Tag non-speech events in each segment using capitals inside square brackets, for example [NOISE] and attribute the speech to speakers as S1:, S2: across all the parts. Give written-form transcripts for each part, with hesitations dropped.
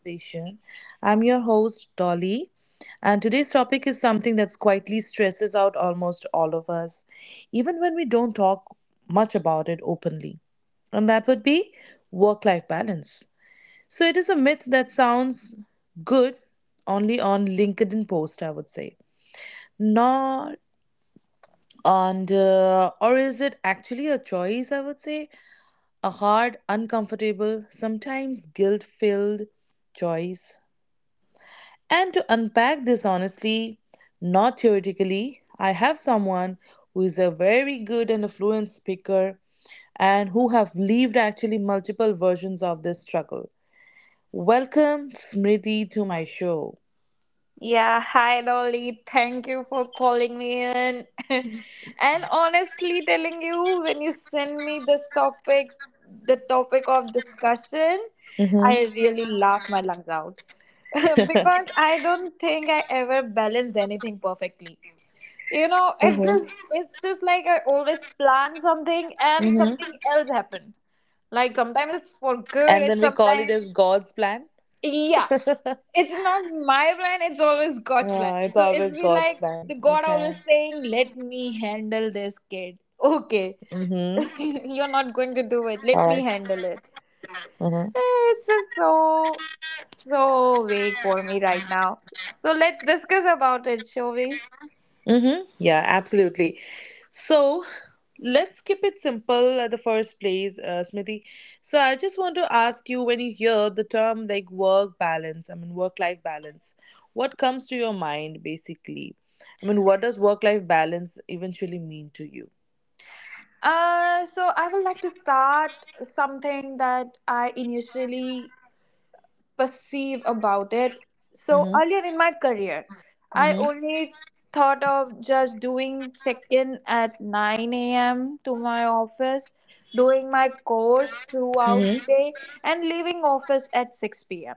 S1: Station, I'm your host, Dolly, and today's topic is something that quietly stresses out almost all of us, even when we don't talk much about it openly. And that would be work life balance. So, it is a myth that sounds good only on LinkedIn post, I would say. Not and Or is it actually a choice? I would say a hard, uncomfortable, sometimes guilt filled choice. And to unpack this honestly, not theoretically, I have someone who is a very good and a fluent speaker and who have lived actually multiple versions of this struggle. Welcome, Smriti, to my show.
S2: Yeah, hi Dolly. Thank you for calling me in. [LAUGHS] And honestly telling you, when you send me this topic, the topic of discussion,
S1: Hmm.
S2: I really laugh my lungs out. [LAUGHS]
S1: [LAUGHS]
S2: Because I don't think I ever balanced anything perfectly. You know, it's
S1: Hmm.
S2: just it's just like I always plan something and
S1: Hmm.
S2: something else happened. Like sometimes it's for good
S1: And
S2: and
S1: then we call it
S2: sometimes,
S1: as God's plan.
S2: yeah, it's not my plan, it's always God's plan.
S1: It's
S2: So it's
S1: always
S2: be
S1: God's
S2: like the
S1: plan.
S2: God
S1: Okay.
S2: always saying, let me handle this kid,
S1: Mm-hmm.
S2: okay. [LAUGHS] You're not
S1: All
S2: going to
S1: right.
S2: do it, let me handle it.
S1: Mm-hmm.
S2: It's just so vague for me right now. So let's discuss about it, shall we?
S1: Mm-hmm. Yeah, absolutely. So let's keep it simple at the first place, Smriti. So I just want to ask you, when you hear the term like work balance, I mean, work life balance, what comes to your mind basically? I mean, what does work life balance eventually mean to you?
S2: So I would like to start something that I initially perceive about it. So
S1: Mm-hmm.
S2: earlier in my career, I
S1: Mm-hmm.
S2: only thought of just doing check-in at 9 a.m. to my office, doing my course throughout
S1: Mm-hmm.
S2: the day, and leaving office at 6 p.m.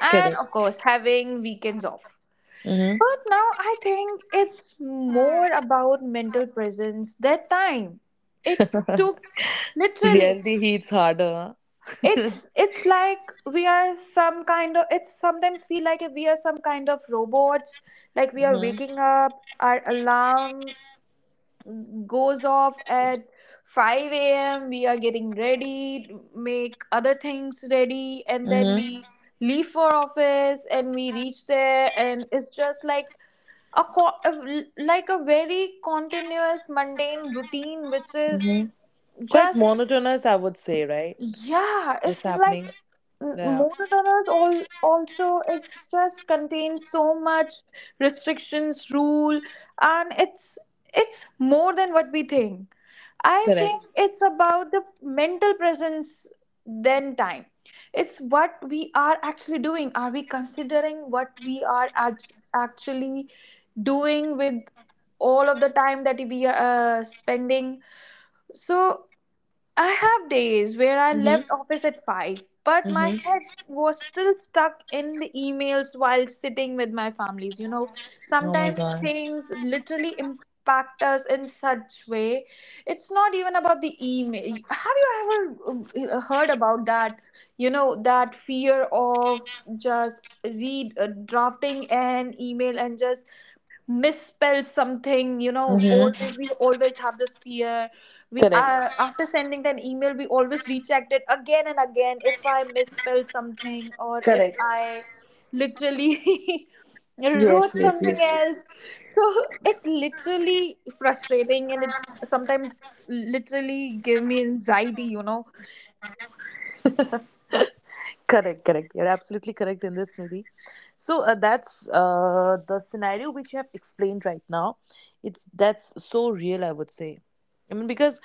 S2: And of course,
S1: Correct.
S2: having weekends off.
S1: Mm-hmm.
S2: But now I think it's more about mental presence that time. It took literally
S1: Reality hits harder.
S2: it's it's like it's sometimes feel like we are some kind of robots. Like we are
S1: Huh.
S2: waking up, our alarm goes off at 5 a.m., we are getting ready, make other things ready, and then
S1: Mm-hmm.
S2: we leave for office, and we reach there, and it's just like a co- a l- like a very continuous mundane routine which is
S1: Mm-hmm. Quite
S2: just,
S1: monotonous, I would say, right?
S2: yeah,
S1: What's
S2: it's like
S1: happening? Yeah,
S2: monotonous. All also is just contains so much restrictions rule, and it's more than what we think. I think
S1: correct.
S2: it's about the mental presence than time. It's what we are actually doing. Are we considering what we are actually doing with all of the time that we are spending? So I have days where I
S1: Mhm.
S2: left office at 5, but
S1: Mhm.
S2: my head was still stuck in the emails while sitting with my families. You know,
S1: Oh my
S2: sometimes
S1: god.
S2: things literally impact us in such way. It's not even about the email. Have you ever heard about that, you know, that fear of just read drafting an email and just misspell something? You know
S1: Mhm.
S2: always We always have this fear. We
S1: Correct.
S2: After sending an email, we always rechecked it again and again if I misspelled something or if
S1: Correct.
S2: I literally [LAUGHS]
S1: Yes.
S2: wrote
S1: Yes.
S2: something
S1: Yes.
S2: else. So it literally frustrating, and it's sometimes literally give me anxiety.
S1: Correct, correct. You're absolutely correct in this, Nidhi. So that's the scenario which you have explained right now. It's that's so real, I would say. I mean, because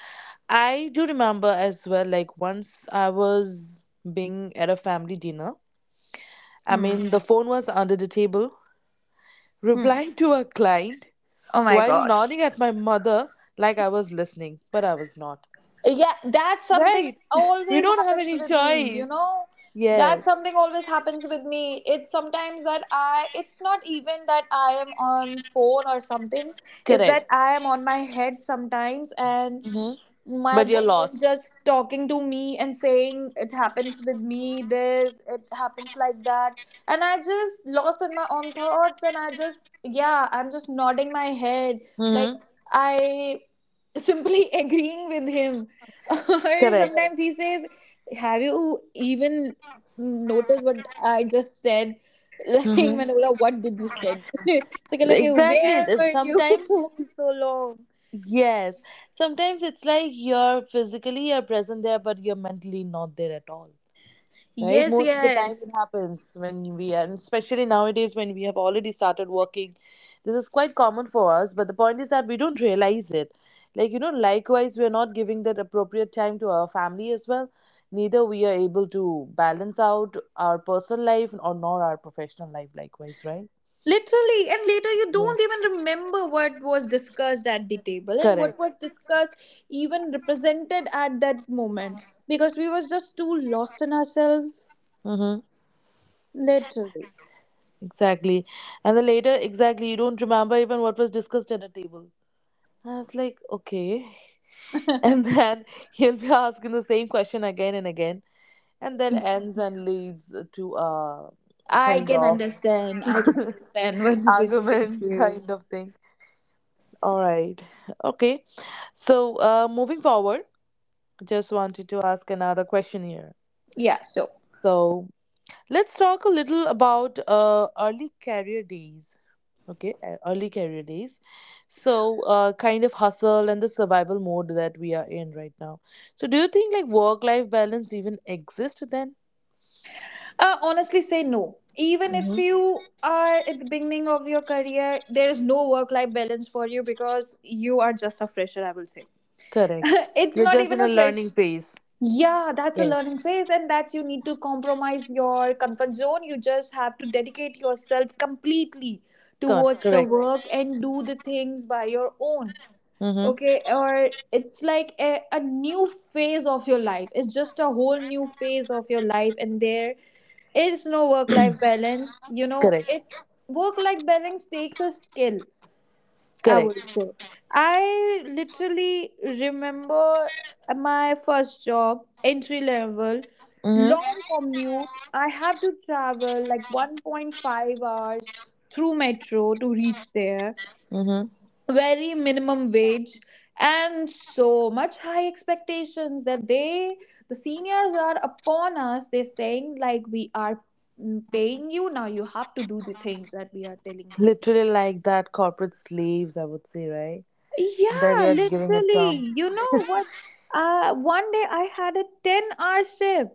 S1: I do remember as well. Like once I was being at a family dinner. I
S2: Hmm.
S1: mean, the phone was under the table,
S2: Hmm.
S1: replying to a client
S2: Oh my
S1: while
S2: god.
S1: nodding at my mother, like I was listening, but I was not.
S2: Yeah, that's something
S1: Right? [LAUGHS] We
S2: always
S1: don't have
S2: happens
S1: any
S2: with me, you
S1: choice.
S2: know? That's
S1: Yes.
S2: something always happens with me. It's sometimes that I, it's not even that I am on phone or something, it's that
S1: Correct.
S2: I am on my head sometimes, and
S1: Hmm.
S2: my
S1: But you're
S2: boyfriend
S1: lost.
S2: just talking to me, and saying, it happens with me this it happens like that, and I just lost in my own thoughts, and I just, yeah, I'm just nodding my head, like
S1: Hmm.
S2: I simply [LAUGHS] agreeing with him. [LAUGHS] Or
S1: Correct.
S2: sometimes he says, have you even noticed what I just said? [LAUGHS] Like,
S1: Hmm.
S2: Manola, what did you said? [LAUGHS] So, like,
S1: Exactly.
S2: where were you?
S1: Sometimes,
S2: [LAUGHS] So long.
S1: yes. Sometimes it's like you're physically you're present there, but you're mentally not there at all. Right,
S2: Yes.
S1: most of the time
S2: Yes.
S1: it happens when we are, and especially nowadays when we have already started working, this is quite common for us. But the point is that we don't realize it. Like, you know, likewise we are not giving that appropriate time to our family as well. Neither we are able to balance out our personal life or nor our professional life likewise, right?
S2: Literally, and later you don't
S1: Yes,
S2: even remember what was discussed at the table and what
S1: correct.
S2: was discussed, even represented at that moment, because we was just too lost in ourselves.
S1: Mm-hmm.
S2: Literally,
S1: Exactly, and then later exactly you don't remember even what was discussed at the table. I was like, okay,
S2: [LAUGHS]
S1: and then [LAUGHS] he'll be asking the same question again and again, and that ends and leads to a
S2: I
S1: kind
S2: can
S1: of
S2: understand. I can
S1: [LAUGHS]
S2: understand what you've been going
S1: argument
S2: through.
S1: kind of thing. All right. Okay. So moving forward, just wanted to ask another question here.
S2: Yeah, so
S1: So let's talk a little about early career days. Okay, early career days. So, kind of hustle and the survival mode that we are in right now. So, do you think like work life balance even exists then?
S2: honestly, say no. Even if you are at the beginning of your career, there is no work life balance for you because you are just a fresher, I will say. [LAUGHS]
S1: Correct.
S2: It's
S1: You're
S2: not
S1: just in
S2: even
S1: a
S2: a fresh.
S1: learning phase.
S2: Yeah, that's a learning phase, and that's you need to compromise your comfort zone. You just have to dedicate yourself completely towards the
S1: Correct.
S2: work and do the things by your own.
S1: Mm-hmm.
S2: Okay, or it's like a new phase of your life. It's just a whole new phase of your life, and there is no work life balance. You know, it's work life balance takes a skill, I would
S1: Correct.
S2: say. I literally remember my first job, entry level,
S1: Mm-hmm.
S2: long commute. I have to travel like 1.5 hours through metro to reach there,
S1: Mm-hmm.
S2: very minimum wage, and so much high expectations that they, the seniors are upon us. They're saying, like, we are paying you, now you have to do the things that we are telling you.
S1: Literally like that corporate slaves, I would say, right? That
S2: Yeah,
S1: you're giving a term.
S2: literally. You know
S1: [LAUGHS]
S2: what? One day I had a 10-hour shift,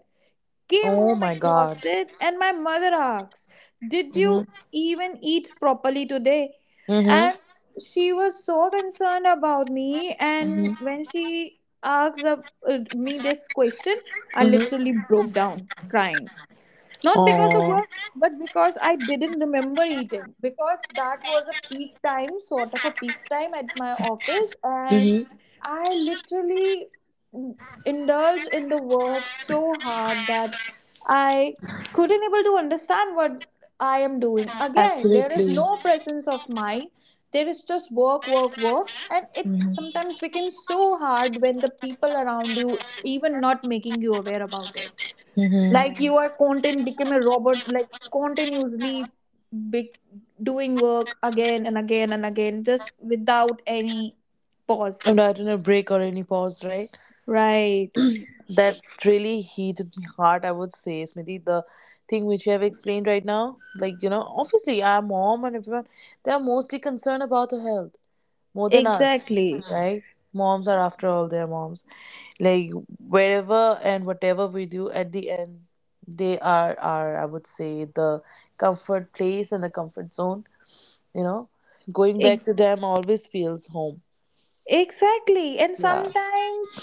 S2: came
S1: Oh
S2: home
S1: my god.
S2: exhausted, and my mother asks, did
S1: Mhm.
S2: you even eat properly today?
S1: Mhm.
S2: And she was so concerned about me.
S1: Mhm.
S2: And when she asked me this question, I
S1: Mhm.
S2: literally broke down crying. Not because of
S1: Oh.
S2: work, but because I didn't remember eating, because that was a peak time, sort of a peak time at my office, and
S1: Mhm.
S2: I literally indulge in the work so hard that I couldn't able to understand what I am doing. Again, there is
S1: Absolutely.
S2: no presence of mind. There is just work, work, work, and it
S1: Mhm.
S2: sometimes becomes so hard when the people around you even not making you aware about it.
S1: Mhm.
S2: Like you are content become a robot, like continuously be- doing work again and again and again, just without any pause.
S1: I'm not in a break or any pause, right?
S2: Right.
S1: That really heated my heart. I would say, Smriti, the thing which you have explained right now, like you know, obviously our mom and everyone, they are mostly concerned about the health more than us,
S2: Exactly.
S1: right? Moms are after all their moms. Like wherever and whatever we do, at the end they are our, I would say, the comfort place and the comfort zone, you know. Going back
S2: Ex-
S1: to them always feels home.
S2: exactly. And
S1: Yeah,
S2: sometimes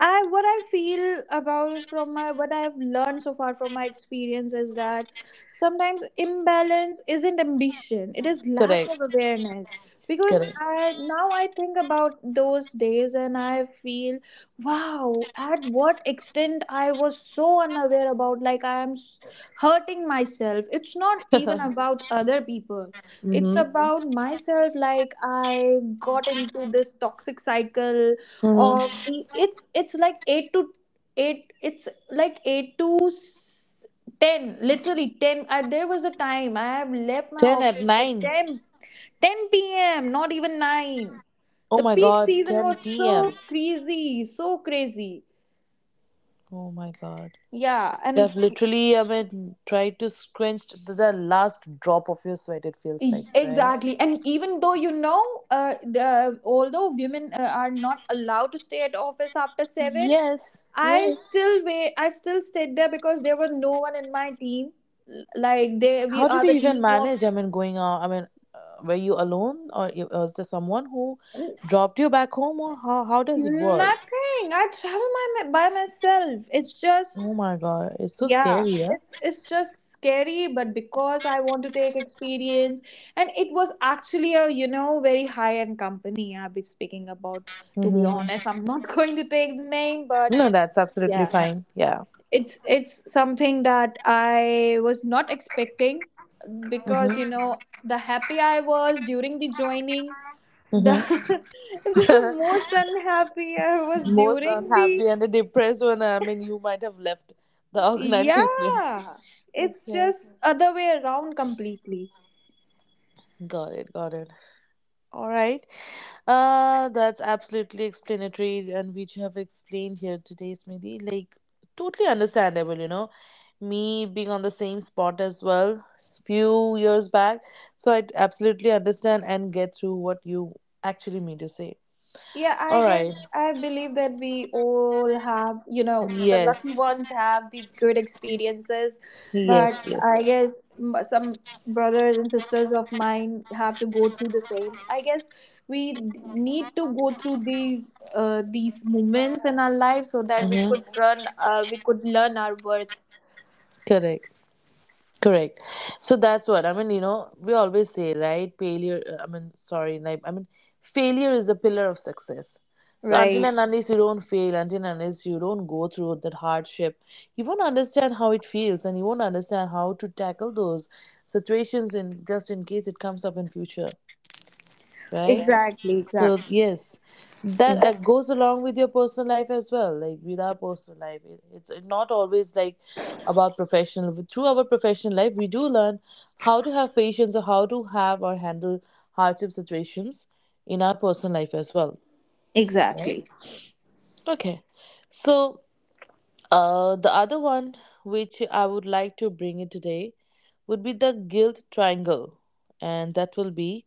S2: I what I feel about from my what I've learned so far from my experience is that sometimes imbalance isn't ambition; it is lack
S1: correct.
S2: of awareness. Because
S1: Correct.
S2: I now I think about those days and I feel, wow, at what extent I was so unaware about, like, I am hurting myself. It's not
S1: [LAUGHS]
S2: even about other people; it's,
S1: Mm-hmm.
S2: mhm, about myself. Like I got into this toxic cycle of,
S1: Mm-hmm.
S2: mm, it's like 8 to 8, it's like 8 to 10, literally 10. I, there was a time I have left my
S1: 10 at
S2: office at
S1: 9.
S2: ten ten p.m, not even 9.
S1: Oh
S2: The
S1: my
S2: peak
S1: god.
S2: season was
S1: 10 p.m.
S2: so crazy, so crazy.
S1: Oh my god.
S2: Yeah, and
S1: I've literally, I mean, tried to scrunch to the last drop of your sweat, it feels like, right?
S2: exactly. And even though you know, the although women are not allowed to stay at office after 7,
S1: Yes,
S2: I
S1: yes.
S2: still wait. I still stayed there because there were no one in my team. Like they, we
S1: How did
S2: are
S1: you
S2: the
S1: even
S2: team of
S1: manage? I mean, going out. I mean, were you alone, or was there someone who
S2: n-
S1: dropped you back home, or how does it work?
S2: nothing. I travel by myself. It's just,
S1: Oh my god, it's so
S2: yeah.
S1: scary. Yeah.
S2: It's just scary, but because I want to take experience, and it was actually a, very high end company I'll be speaking about. To be
S1: Mm-hmm.
S2: honest, I'm not [LAUGHS] going to take the name, but
S1: No, that's absolutely
S2: yeah.
S1: fine. Yeah.
S2: It's something that I was not expecting, because you
S1: Mm-hmm.
S2: know, the happy I was during the joining, the
S1: Mm-hmm.
S2: [LAUGHS] the most unhappy I was
S1: [LAUGHS] Most
S2: during the.
S1: unhappy and the depressed one. I mean, you might have left the organization. [LAUGHS]
S2: Yeah, it's
S1: Okay.
S2: just other way around completely.
S1: Got it. Got it. All right. That's absolutely explanatory, and which you have explained here today, Smriti. Like, totally understandable, you know. Me being on the same spot as well, few years back. So I absolutely understand and get through what you actually mean to say.
S2: Yeah, I
S1: All right.
S2: guess I believe that we all have, you know, the lucky
S1: Yes.
S2: ones have the good experiences,
S1: Yes.
S2: but
S1: Yes.
S2: I guess some brothers and sisters of mine have to go through the same. I guess we need to go through these moments in our life so that we
S1: Mm-hmm.
S2: could run, we could learn our worth.
S1: Correct. Correct. So that's what I mean. You know, we always say, right? Failure. I mean, sorry. Like, I mean, failure is the pillar of success. So until
S2: Right.
S1: and unless you don't fail, until and unless you don't go through that hardship, you won't understand how it feels, and you won't understand how to tackle those situations in just in case it comes up in future, right?
S2: Exactly.
S1: So
S2: Exactly.
S1: yes, that goes along with your personal life as well. Like, with our personal life, it's not always like about professional. But through our professional life, we do learn how to have patience or how to have or handle hardship situations in our personal life as well.
S2: Exactly.
S1: Okay, so the other one which I would like to bring in today would be the guilt triangle, and that will be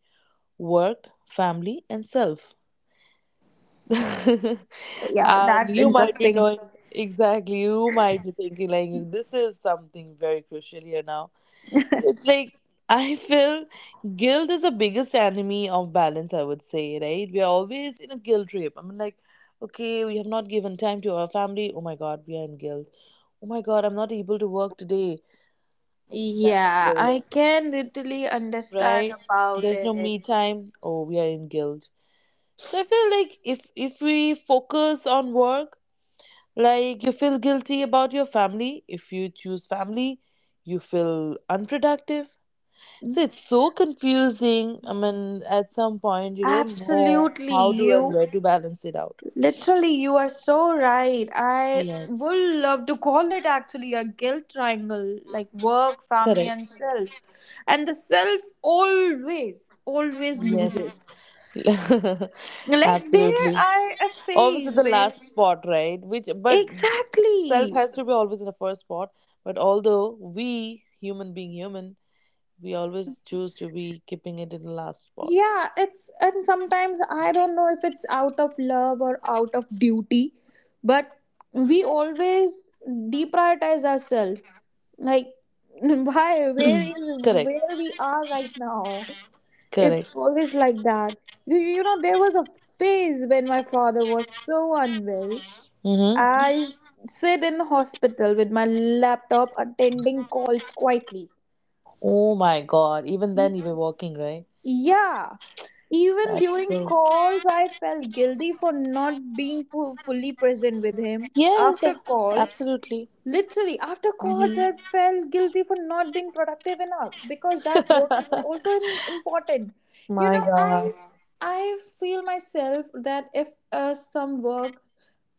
S1: work, family, and self. [LAUGHS]
S2: Yeah,
S1: And
S2: that's
S1: you might be
S2: interesting.
S1: knowing exactly, you might be thinking like this is something very crucial here now.
S2: [LAUGHS]
S1: So it's like, [LAUGHS] I feel guilt is the biggest enemy of balance, I would say, right? We are always in a guilt trip, I mean, like, okay, we have not given time to our family. Oh my god, we are in guilt. Oh my god, I'm not able to work today. So that's a
S2: Yeah,
S1: guilt,
S2: I can literally understand
S1: right?
S2: about
S1: There's no
S2: it.
S1: me time. Oh, we are in guilt. So I feel like, if we focus on work. Like, you feel guilty about your family. If you choose family, you feel unproductive. So it's so confusing. I mean, at some point, you don't know
S2: Absolutely,
S1: how to and
S2: you,
S1: where to balance it out.
S2: literally you are so right. I
S1: Yes,
S2: would love to call it actually a guilt triangle, like work, family,
S1: correct.
S2: and self. And the self always, always
S1: Yes,
S2: loses.
S1: [LAUGHS]
S2: Like there
S1: absolutely.
S2: are a
S1: Always at
S2: phase
S1: the
S2: when
S1: last spot, right? Which, but self
S2: exactly.
S1: has to be always in the first spot. But although we, human being human, we always choose to be keeping it in the last spot.
S2: Yeah, it's, and sometimes I don't know if it's out of love or out of duty, but we always deprioritize ourselves. Like [LAUGHS] why? Where is
S1: [CLEARS THROAT] Correct.
S2: where we are right now? It's
S1: Correct.
S2: always like that. You know, there was a phase when my father was so unwell.
S1: Mm-hmm.
S2: I sit in the hospital with my laptop attending calls quietly.
S1: Oh my God. Even then,
S2: L-
S1: you were working, right?
S2: Yeah. Even
S1: That's
S2: during
S1: so.
S2: calls, I felt guilty for not being fully present with him.
S1: Yes,
S2: After call,
S1: absolutely.
S2: literally, after calls,
S1: Mm-hmm.
S2: I felt guilty for not being productive enough, because that work is also in, important.
S1: [LAUGHS]
S2: You
S1: My
S2: know, I,
S1: God.
S2: I feel myself that if some work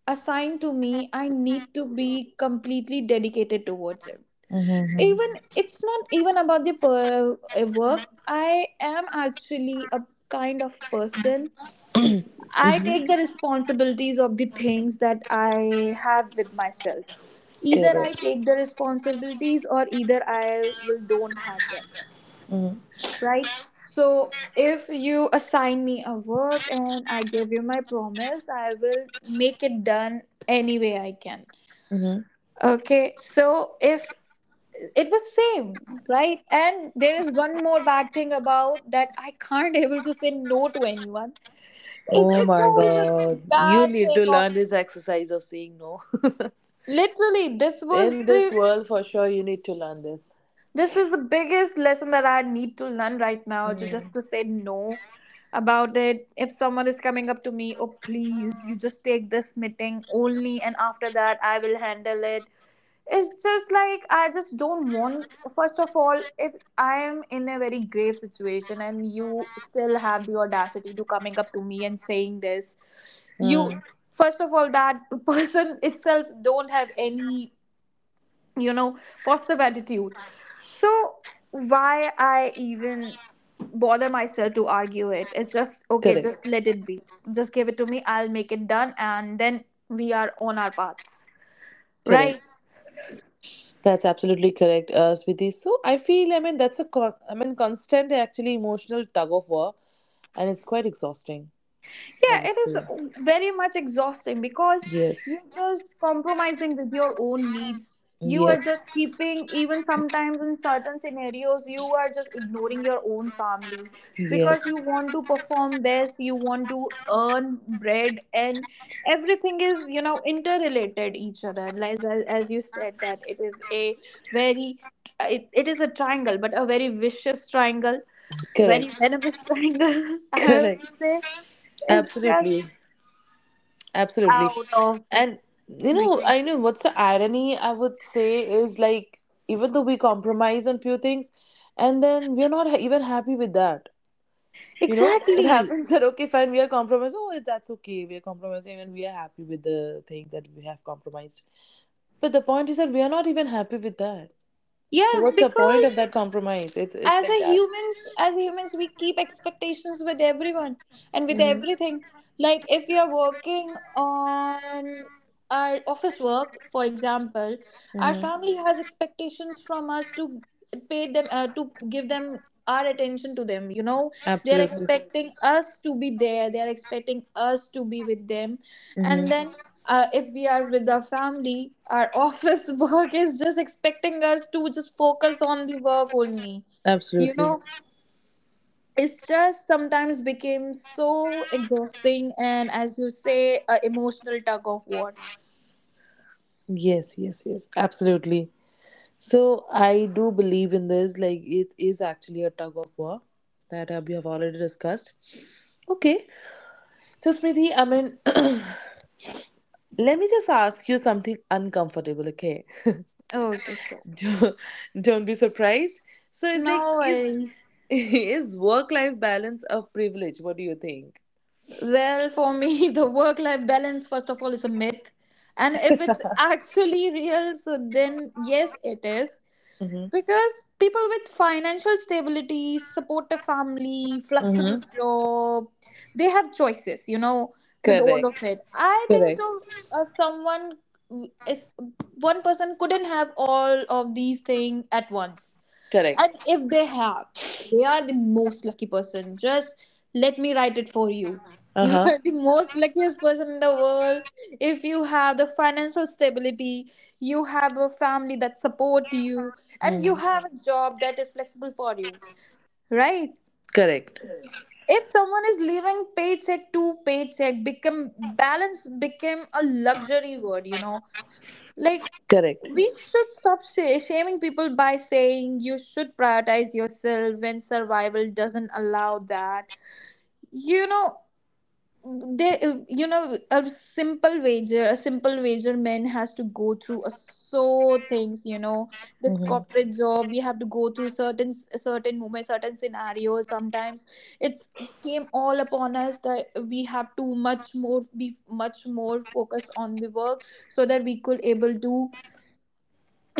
S2: assigned to me, I need to be completely dedicated towards it,
S1: Mm-hmm.
S2: even it's not even about the work. I am actually a kind of person.
S1: Mm-hmm.
S2: I take
S1: Mm-hmm.
S2: the responsibilities of the things that I have with myself. Either I
S1: Correct.
S2: take the responsibilities or either I will don't have them,
S1: Mm-hmm.
S2: right? So if you assign me a work and I give you my promise, I will make it done any way I can.
S1: Mm-hmm.
S2: Okay, so if it was same, right? And there is one more bad thing about that, I can't [LAUGHS] able to say no to anyone. it's
S1: Oh
S2: it's
S1: my
S2: also the
S1: God. You
S2: bad
S1: need
S2: thing
S1: to
S2: on
S1: learn
S2: me.
S1: this exercise of saying no.
S2: Literally,
S1: [LAUGHS] In this world, for sure, you need to learn this.
S2: this is the biggest lesson that I need to learn right now, to
S1: Mm.
S2: just to say no about it. If someone is coming up to me, oh please, you just take this meeting only and after that I will handle it. It's just like, I just don't want, first of all, if I am in a very grave situation and you still have the audacity to coming up to me and saying this, you,
S1: Mm.
S2: first of all, that [LAUGHS] person itself don't have any, you know positive attitude. So why I even bother myself to argue it? It's just okay, just
S1: Correct.
S2: let it be. Just give it to me, I'll make it done and then we are on our paths,
S1: Correct.
S2: right?
S1: That's absolutely correct, Switi. So I feel, I mean, that's a I mean, constant actually emotional tug of war, and it's quite exhausting. I
S2: Yeah,
S1: would
S2: it is
S1: say
S2: very much exhausting because
S1: yes,
S2: you're just compromising with your own needs. You are
S1: yes,
S2: just keeping, even sometimes in certain scenarios, you are just ignoring your own family because
S1: yes.
S2: you want to perform best, you want to earn bread, and everything is, you know, interrelated each other. As you said, that it is a very, it is a triangle, but a very vicious triangle, very
S1: Correct,
S2: venomous [LAUGHS] triangle, I
S1: correct.
S2: would say is
S1: Absolutely,
S2: just
S1: absolutely.
S2: out of
S1: And you know,
S2: reach.
S1: I know what's the irony. I would say is like, even though we compromise on few things, and then we're not even happy with that. You know, it
S2: Exactly.
S1: happens [LAUGHS] that, okay fine, we are compromised. Oh, that's okay, we are compromising and we are happy with the thing that we have compromised, but the point is that we are not even happy with that. So
S2: Yeah,
S1: what's the point of
S2: because
S1: that compromise? It's like that.
S2: as humans we keep expectations with everyone and with everything.
S1: Mm-hmm.
S2: Like if we are working on our office work, for example, our
S1: Mm-hmm.
S2: family has expectations from us to pay them, to give them our attention to them, you know, they are, Mhm,
S1: Absolutely.
S2: expecting us to be there, they are expecting us to be with them.
S1: Mm-hmm.
S2: And then, if we are with our family, our office [LAUGHS] work is just expecting us to just focus on the work only you
S1: Absolutely.
S2: know it's just sometimes became so exhausting, and as you say, a emotional tug of war.
S1: Yes, yes, yes, absolutely. So I do believe in this, like it is actually a tug of war that we have already discussed. Okay. So, Smriti, I mean, [CLEARS THROAT] let me just ask you something uncomfortable, okay? [LAUGHS]
S2: Okay, sure.
S1: don't, don't be surprised. So, it's like,
S2: No
S1: is
S2: worries.
S1: [LAUGHS] is work life balance a privilege? What do you think?
S2: Well, for me [LAUGHS] the work life balance, first of all, is a myth. And if it's actually real, so then yes it is.
S1: Mm-hmm.
S2: Because people with financial stability, supportive family, flexible
S1: Mm-hmm.
S2: job, they have choices, you know, with all of
S1: Correct.
S2: it. I think
S1: Correct.
S2: so. Someone is One person couldn't have all of these things at once. And
S1: Correct.
S2: if they have, they are the most lucky person. Just let me write it for you.
S1: Uh
S2: You [LAUGHS]
S1: huh.
S2: are the most luckiest person in the world. If you have the financial stability, you have a family that support you, and you
S1: Mm.
S2: have a job that is flexible for you, right?
S1: Correct.
S2: If someone is living paycheck to paycheck, become balance became a luxury word, you know. Like
S1: Correct.
S2: we should stop shaming people by saying you should prioritize yourself when survival doesn't allow that. You know, they a simple wager man has to go through a so things, you know, this
S1: Mm-hmm.
S2: corporate job we have to go through certain moments, certain scenarios sometimes. It's came all upon us that we have to much more be much more focused on the work so that we could able to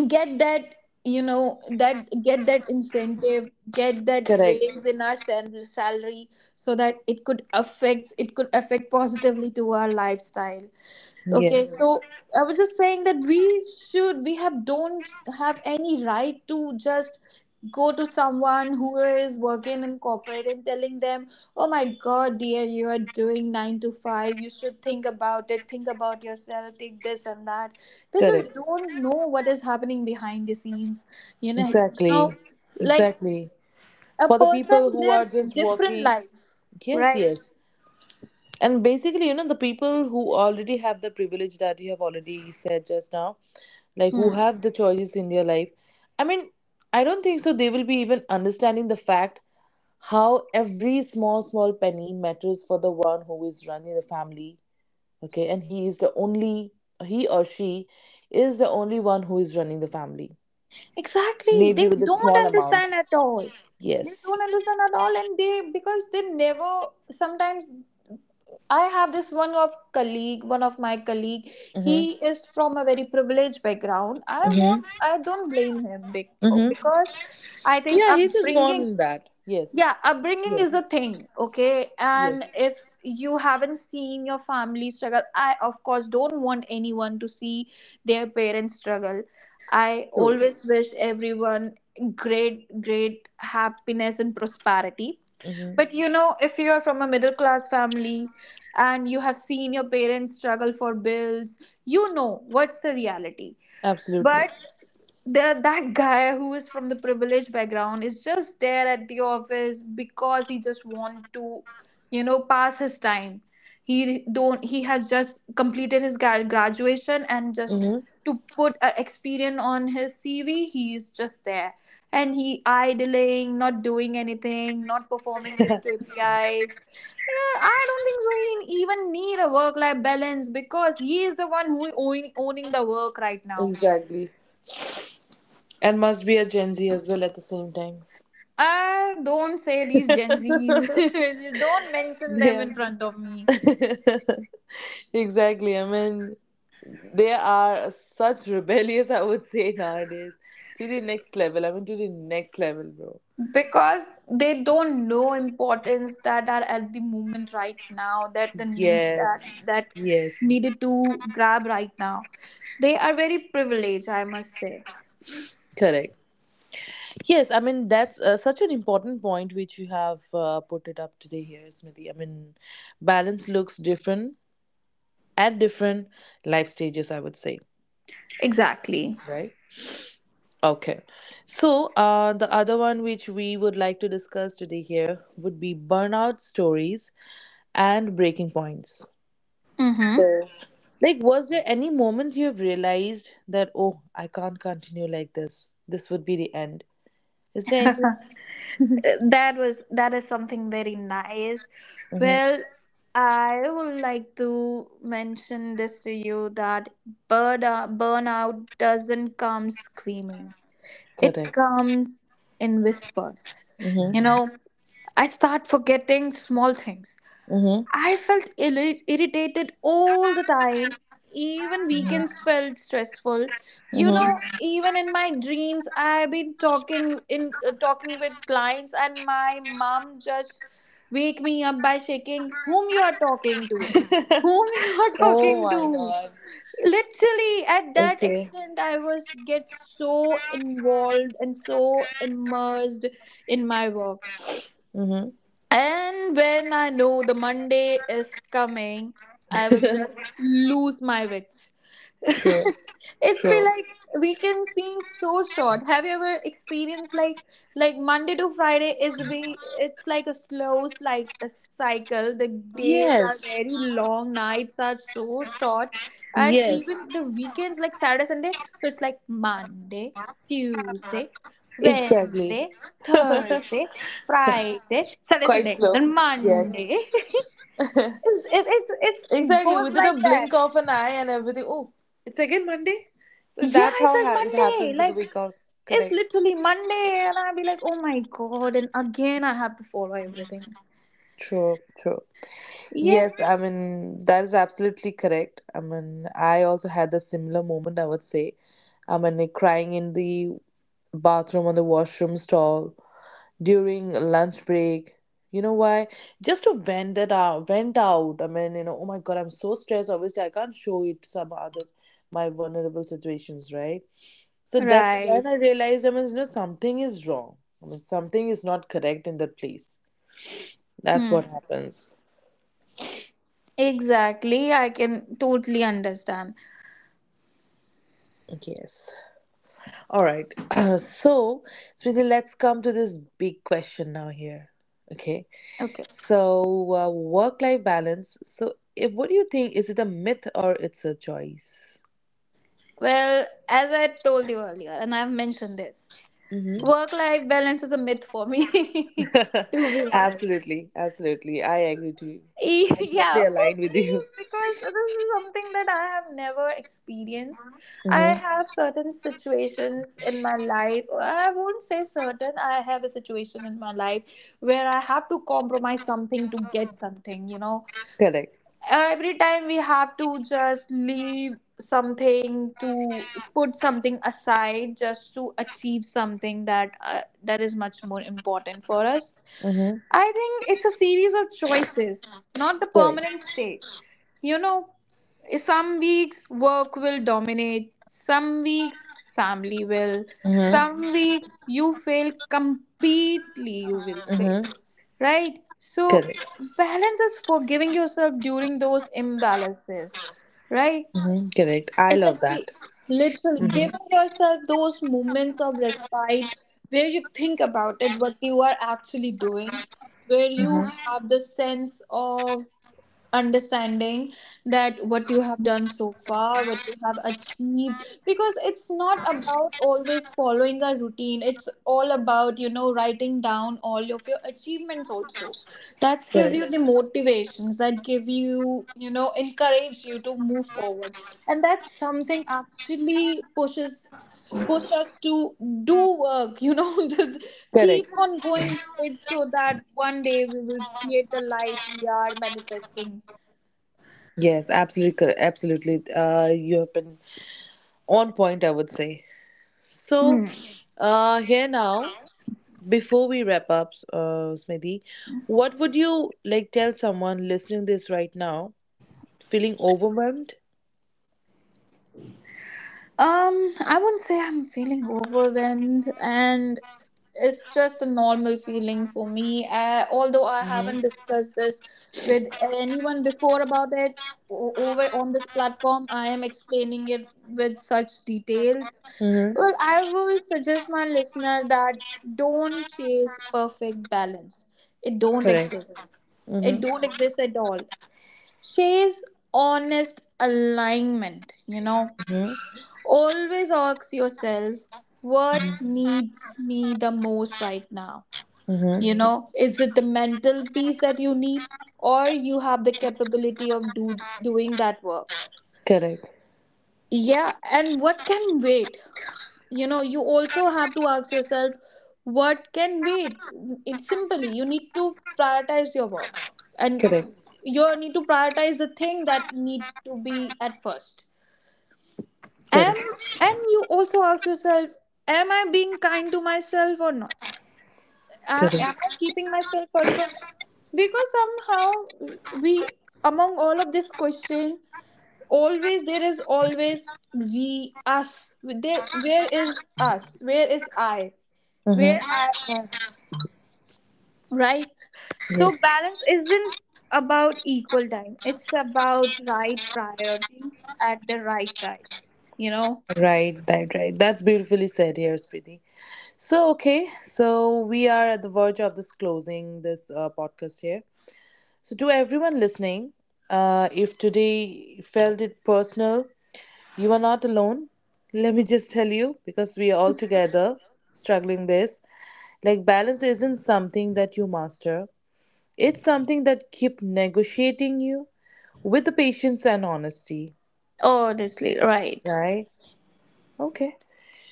S2: get that get that incentive, get that
S1: Correct.
S2: raise in our salary, so that it could affect positively to our lifestyle. Okay, Mhm. So
S1: Yes.
S2: I was just saying that we should we have don't have any right to just go to someone who is working in corporate and telling them, "Oh my God, dear, you are doing nine to five. You should think about it. Think about yourself. Take this and that." They
S1: Correct.
S2: just do don't know what is happening behind the scenes. You know, you know,
S1: Exactly.
S2: like
S1: Exactly.
S2: a
S1: For the
S2: person
S1: people who are
S2: lives
S1: just
S2: different
S1: working,
S2: life,
S1: yes,
S2: right?
S1: yes. And basically, you know, the people who already have the privilege that you have already said just now, like, who
S2: Hmm.
S1: have the choices in their life, I mean, I don't think so they will be even understanding the fact how every small small penny matters for the one who is running the family, okay, and he or she is the only one who is running the family,
S2: Exactly.
S1: maybe
S2: They
S1: with a
S2: don't
S1: small amount.
S2: understand at all. They
S1: Yes.
S2: don't understand at all. And they, because they never, sometimes I have this one of my colleague.
S1: Mm-hmm.
S2: He is from a very privileged background. I
S1: Mm-hmm.
S2: won't, I don't blame him
S1: Mm-hmm.
S2: because I think
S1: Yeah, he's just born
S2: upbringing,
S1: in that. Yes.
S2: yeah, upbringing is a
S1: Yes,
S2: thing, okay? And
S1: yes,
S2: if you haven't seen your family struggle, I, of course, don't want anyone to see their parents struggle. I
S1: true.
S2: always wish everyone great, great happiness and prosperity.
S1: Mm-hmm.
S2: But you know, if you are from a middle class family and you have seen your parents struggle for bills, you know what's the reality.
S1: Absolutely.
S2: But there that guy who is from the privileged background is just there at the office because he just want to, you know, pass his time. He don't, he has just completed his graduation and just
S1: Mm-hmm.
S2: to put an experience on his CV, he's just there, and he idling, not doing anything, not performing his KPIs. Yeah, I don't think so he even need a work life balance because he is the one who owning the work right
S1: [LAUGHS]
S2: now.
S1: Exactly. And must be a Gen Z as well at the same time.
S2: Don't say these Gen Zs. [LAUGHS] Don't
S1: [LAUGHS]
S2: mention them
S1: Yeah.
S2: in front of me.
S1: [LAUGHS] Exactly. I mean, they are such rebellious, I would say, nowadays. To the next level. I mean, to the next level, bro.
S2: Because they don't know importance that are at the moment right now, that the needs that
S1: Yes,
S2: that
S1: yes,
S2: needed to grab right now. They are very privileged, I must say.
S1: correct. Yes, I mean that's such an important point which you have put it up today here, Smriti. I mean, balance looks different at different life stages, I would say,
S2: Exactly.
S1: right? Okay. So, the other one which we would like to discuss today here would be burnout stories and breaking points.
S2: Mm-hmm.
S1: So, like, was there any moment you have realized that, oh, I can't continue like this? This would be the end. Is there any?
S2: That is something very nice.
S1: Mm-hmm.
S2: Well, I would like to mention this to you that burnout doesn't come screaming, it
S1: Correct.
S2: comes in whispers,
S1: Mm-hmm.
S2: you know, I start forgetting small things.
S1: Mm-hmm.
S2: I felt irritated all the time. Even weekends felt stressful. You know, even in my dreams, I've been talking with clients, and my mom just wake me up by shaking whom you are talking to,
S1: Mm-hmm.
S2: whom [LAUGHS] you are
S1: [LAUGHS] Oh
S2: talking
S1: my
S2: to.
S1: God.
S2: Literally, at that
S1: Okay.
S2: extent, I was get so involved and so immersed in my work.
S1: Mm-hmm.
S2: And when I know the Monday is coming, I will just
S1: [LAUGHS]
S2: lose my wits.
S1: True.
S2: It's be
S1: True.
S2: like weekend seems so short. Have you ever experienced like, Monday to Friday is we it's like a slow, like a cycle. The days are
S1: Yes.
S2: very long, nights are so short, and Mhm.
S1: Yes,
S2: even the weekends, like Saturday, Sunday, so it's like Monday, Tuesday,
S1: exactly.
S2: Wednesday, Thursday, Friday, Saturday,
S1: Quite
S2: Sunday,
S1: slow.
S2: then
S1: Yes.
S2: Monday [LAUGHS] It it
S1: Exactly.
S2: goes
S1: Within
S2: like
S1: a
S2: that.
S1: blink of an eye and everything. Oh, it's again Monday? So
S2: Yeah,
S1: that's
S2: it's
S1: how
S2: like
S1: it
S2: Monday.
S1: happens with the week offs.
S2: It's
S1: Correct.
S2: literally Monday, and I'll be like, oh my god, and again I have to follow everything.
S1: True, true.
S2: Yeah,
S1: Yes, I mean, that is absolutely correct. I mean, I also had a similar moment, I would say. I mean, like, crying in the bathroom, on the washroom stall during lunch break. You know why? Just to vent it out, vent out. I mean, you know, oh my god, I'm so stressed. Obviously, I can't show it to some others my vulnerable situations, right? So that's when I
S2: right.
S1: realized, I mean, you know, something is wrong. I mean, something is not correct in that place. That's
S2: Hmm.
S1: what happens.
S2: Exactly, I can totally understand.
S1: Yes. All right. [CLEARS THROAT] So, Smriti, let's come to this big question now here. Okay.
S2: Okay.
S1: So, work-life balance. So, if, what do you think? Is it a myth or it's a choice?
S2: Well, as I told you earlier, and I've mentioned this,
S1: Mm-hmm.
S2: work life balance is a myth for me, [LAUGHS] to be
S1: [LAUGHS]
S2: honest.
S1: Absolutely, absolutely. I agree to you.
S2: [LAUGHS]
S1: I'm
S2: Yeah,
S1: totally
S2: for
S1: aligned with
S2: me,
S1: you.
S2: because this is something that I have never experienced. I
S1: Mm-hmm.
S2: have certain situations in my life, or I won't say certain, I have a situation in my life where I have to compromise something to get something, you know,
S1: [LAUGHS] Correct.
S2: every time we have to just leave something to put something aside just to achieve something that is much more important for us.
S1: Mm-hmm.
S2: I think it's a series of choices, not the
S1: Correct.
S2: permanent state. You know, some weeks work will dominate, some weeks family will, some weeks you fail completely, you will
S1: Mm-hmm.
S2: fail.
S1: Mm-hmm.
S2: Right? So
S1: Correct.
S2: balance is forgiving yourself during those imbalances, right?
S1: Mm-hmm. Correct. I
S2: It's
S1: love
S2: like
S1: that.
S2: literally
S1: Mm-hmm.
S2: giving yourself those moments of respite, where you think about it, what you are actually doing, where you have
S1: Mm-hmm.
S2: the sense of understanding that what you have done so far, what you have achieved, because it's not about always following a routine. It's all about, you know, writing down all of your achievements also that give
S1: Correct.
S2: you the motivations, that give you, you know, encourage you to move forward. And that's something actually push us to do work, you know, [LAUGHS] just keep
S1: Correct.
S2: on going with it so that one day we will create the life we are manifesting.
S1: Yes, absolutely correct. Absolutely. You have been on point, I would say. So, here now. Before we wrap up, Smriti, what would you like tell someone listening this right now, feeling overwhelmed?
S2: I wouldn't say I'm feeling overwhelmed, and it's just a normal feeling for me. Although I haven't discussed this with anyone before about it over on this platform, I am explaining it with such detail.
S1: Mm-hmm.
S2: Well, I will suggest my listener that don't chase perfect balance. It don't
S1: Correct.
S2: exist. It
S1: Mm-hmm.
S2: don't exist at all. Chase honest alignment.
S1: Mm-hmm.
S2: Always ask yourself, what needs me the most right now?
S1: Mm-hmm.
S2: You know, is it the mental peace that you need, or you have the capability of doing that work?
S1: Correct.
S2: Yeah, and what can wait? You know, you also have to ask yourself, what can wait? It's simply you need to prioritize your work, and
S1: Correct.
S2: you need to prioritize the thing that need to be at first, am
S1: Correct.
S2: and you also ask yourself, am I being kind to myself or not? Am I
S1: Correct.
S2: keeping myself first or not? Because somehow we, among all of this question, always there is always we us, there, where is us, where is I, where
S1: Mm-hmm.
S2: I am, right? So
S1: Yes.
S2: balance isn't about equal time, it's about right priorities at the right time, you know.
S1: Right. Right. Right. That's beautifully said here, Smriti. So, okay, so we are at the verge of this closing this podcast here. So, to everyone listening, if today felt it personal, you are not alone. Let me just tell you, because we are all together struggling this. Like balance isn't something that you master. It's something that keep negotiating you with the patience and honesty.
S2: Honestly, right.
S1: Right? Okay.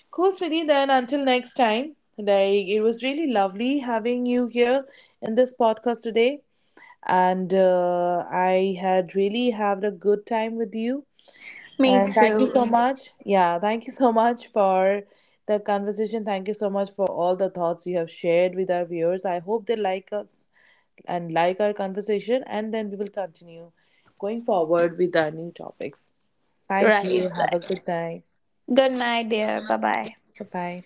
S1: Cool, Smriti. Then until next time, like, it was really lovely having you here in this podcast today, and I had really had a good time with you.
S2: Me
S1: And thank you
S2: too.
S1: so much. Yeah, thank you so much for the conversation. Thank you so much for all the thoughts you have shared with our viewers. I hope they like us and like our conversation, and then we will continue going forward with our new topics. Thank you.
S2: Right,
S1: Have a
S2: right.
S1: good night.
S2: Good night, dear. Bye bye.
S1: Bye bye.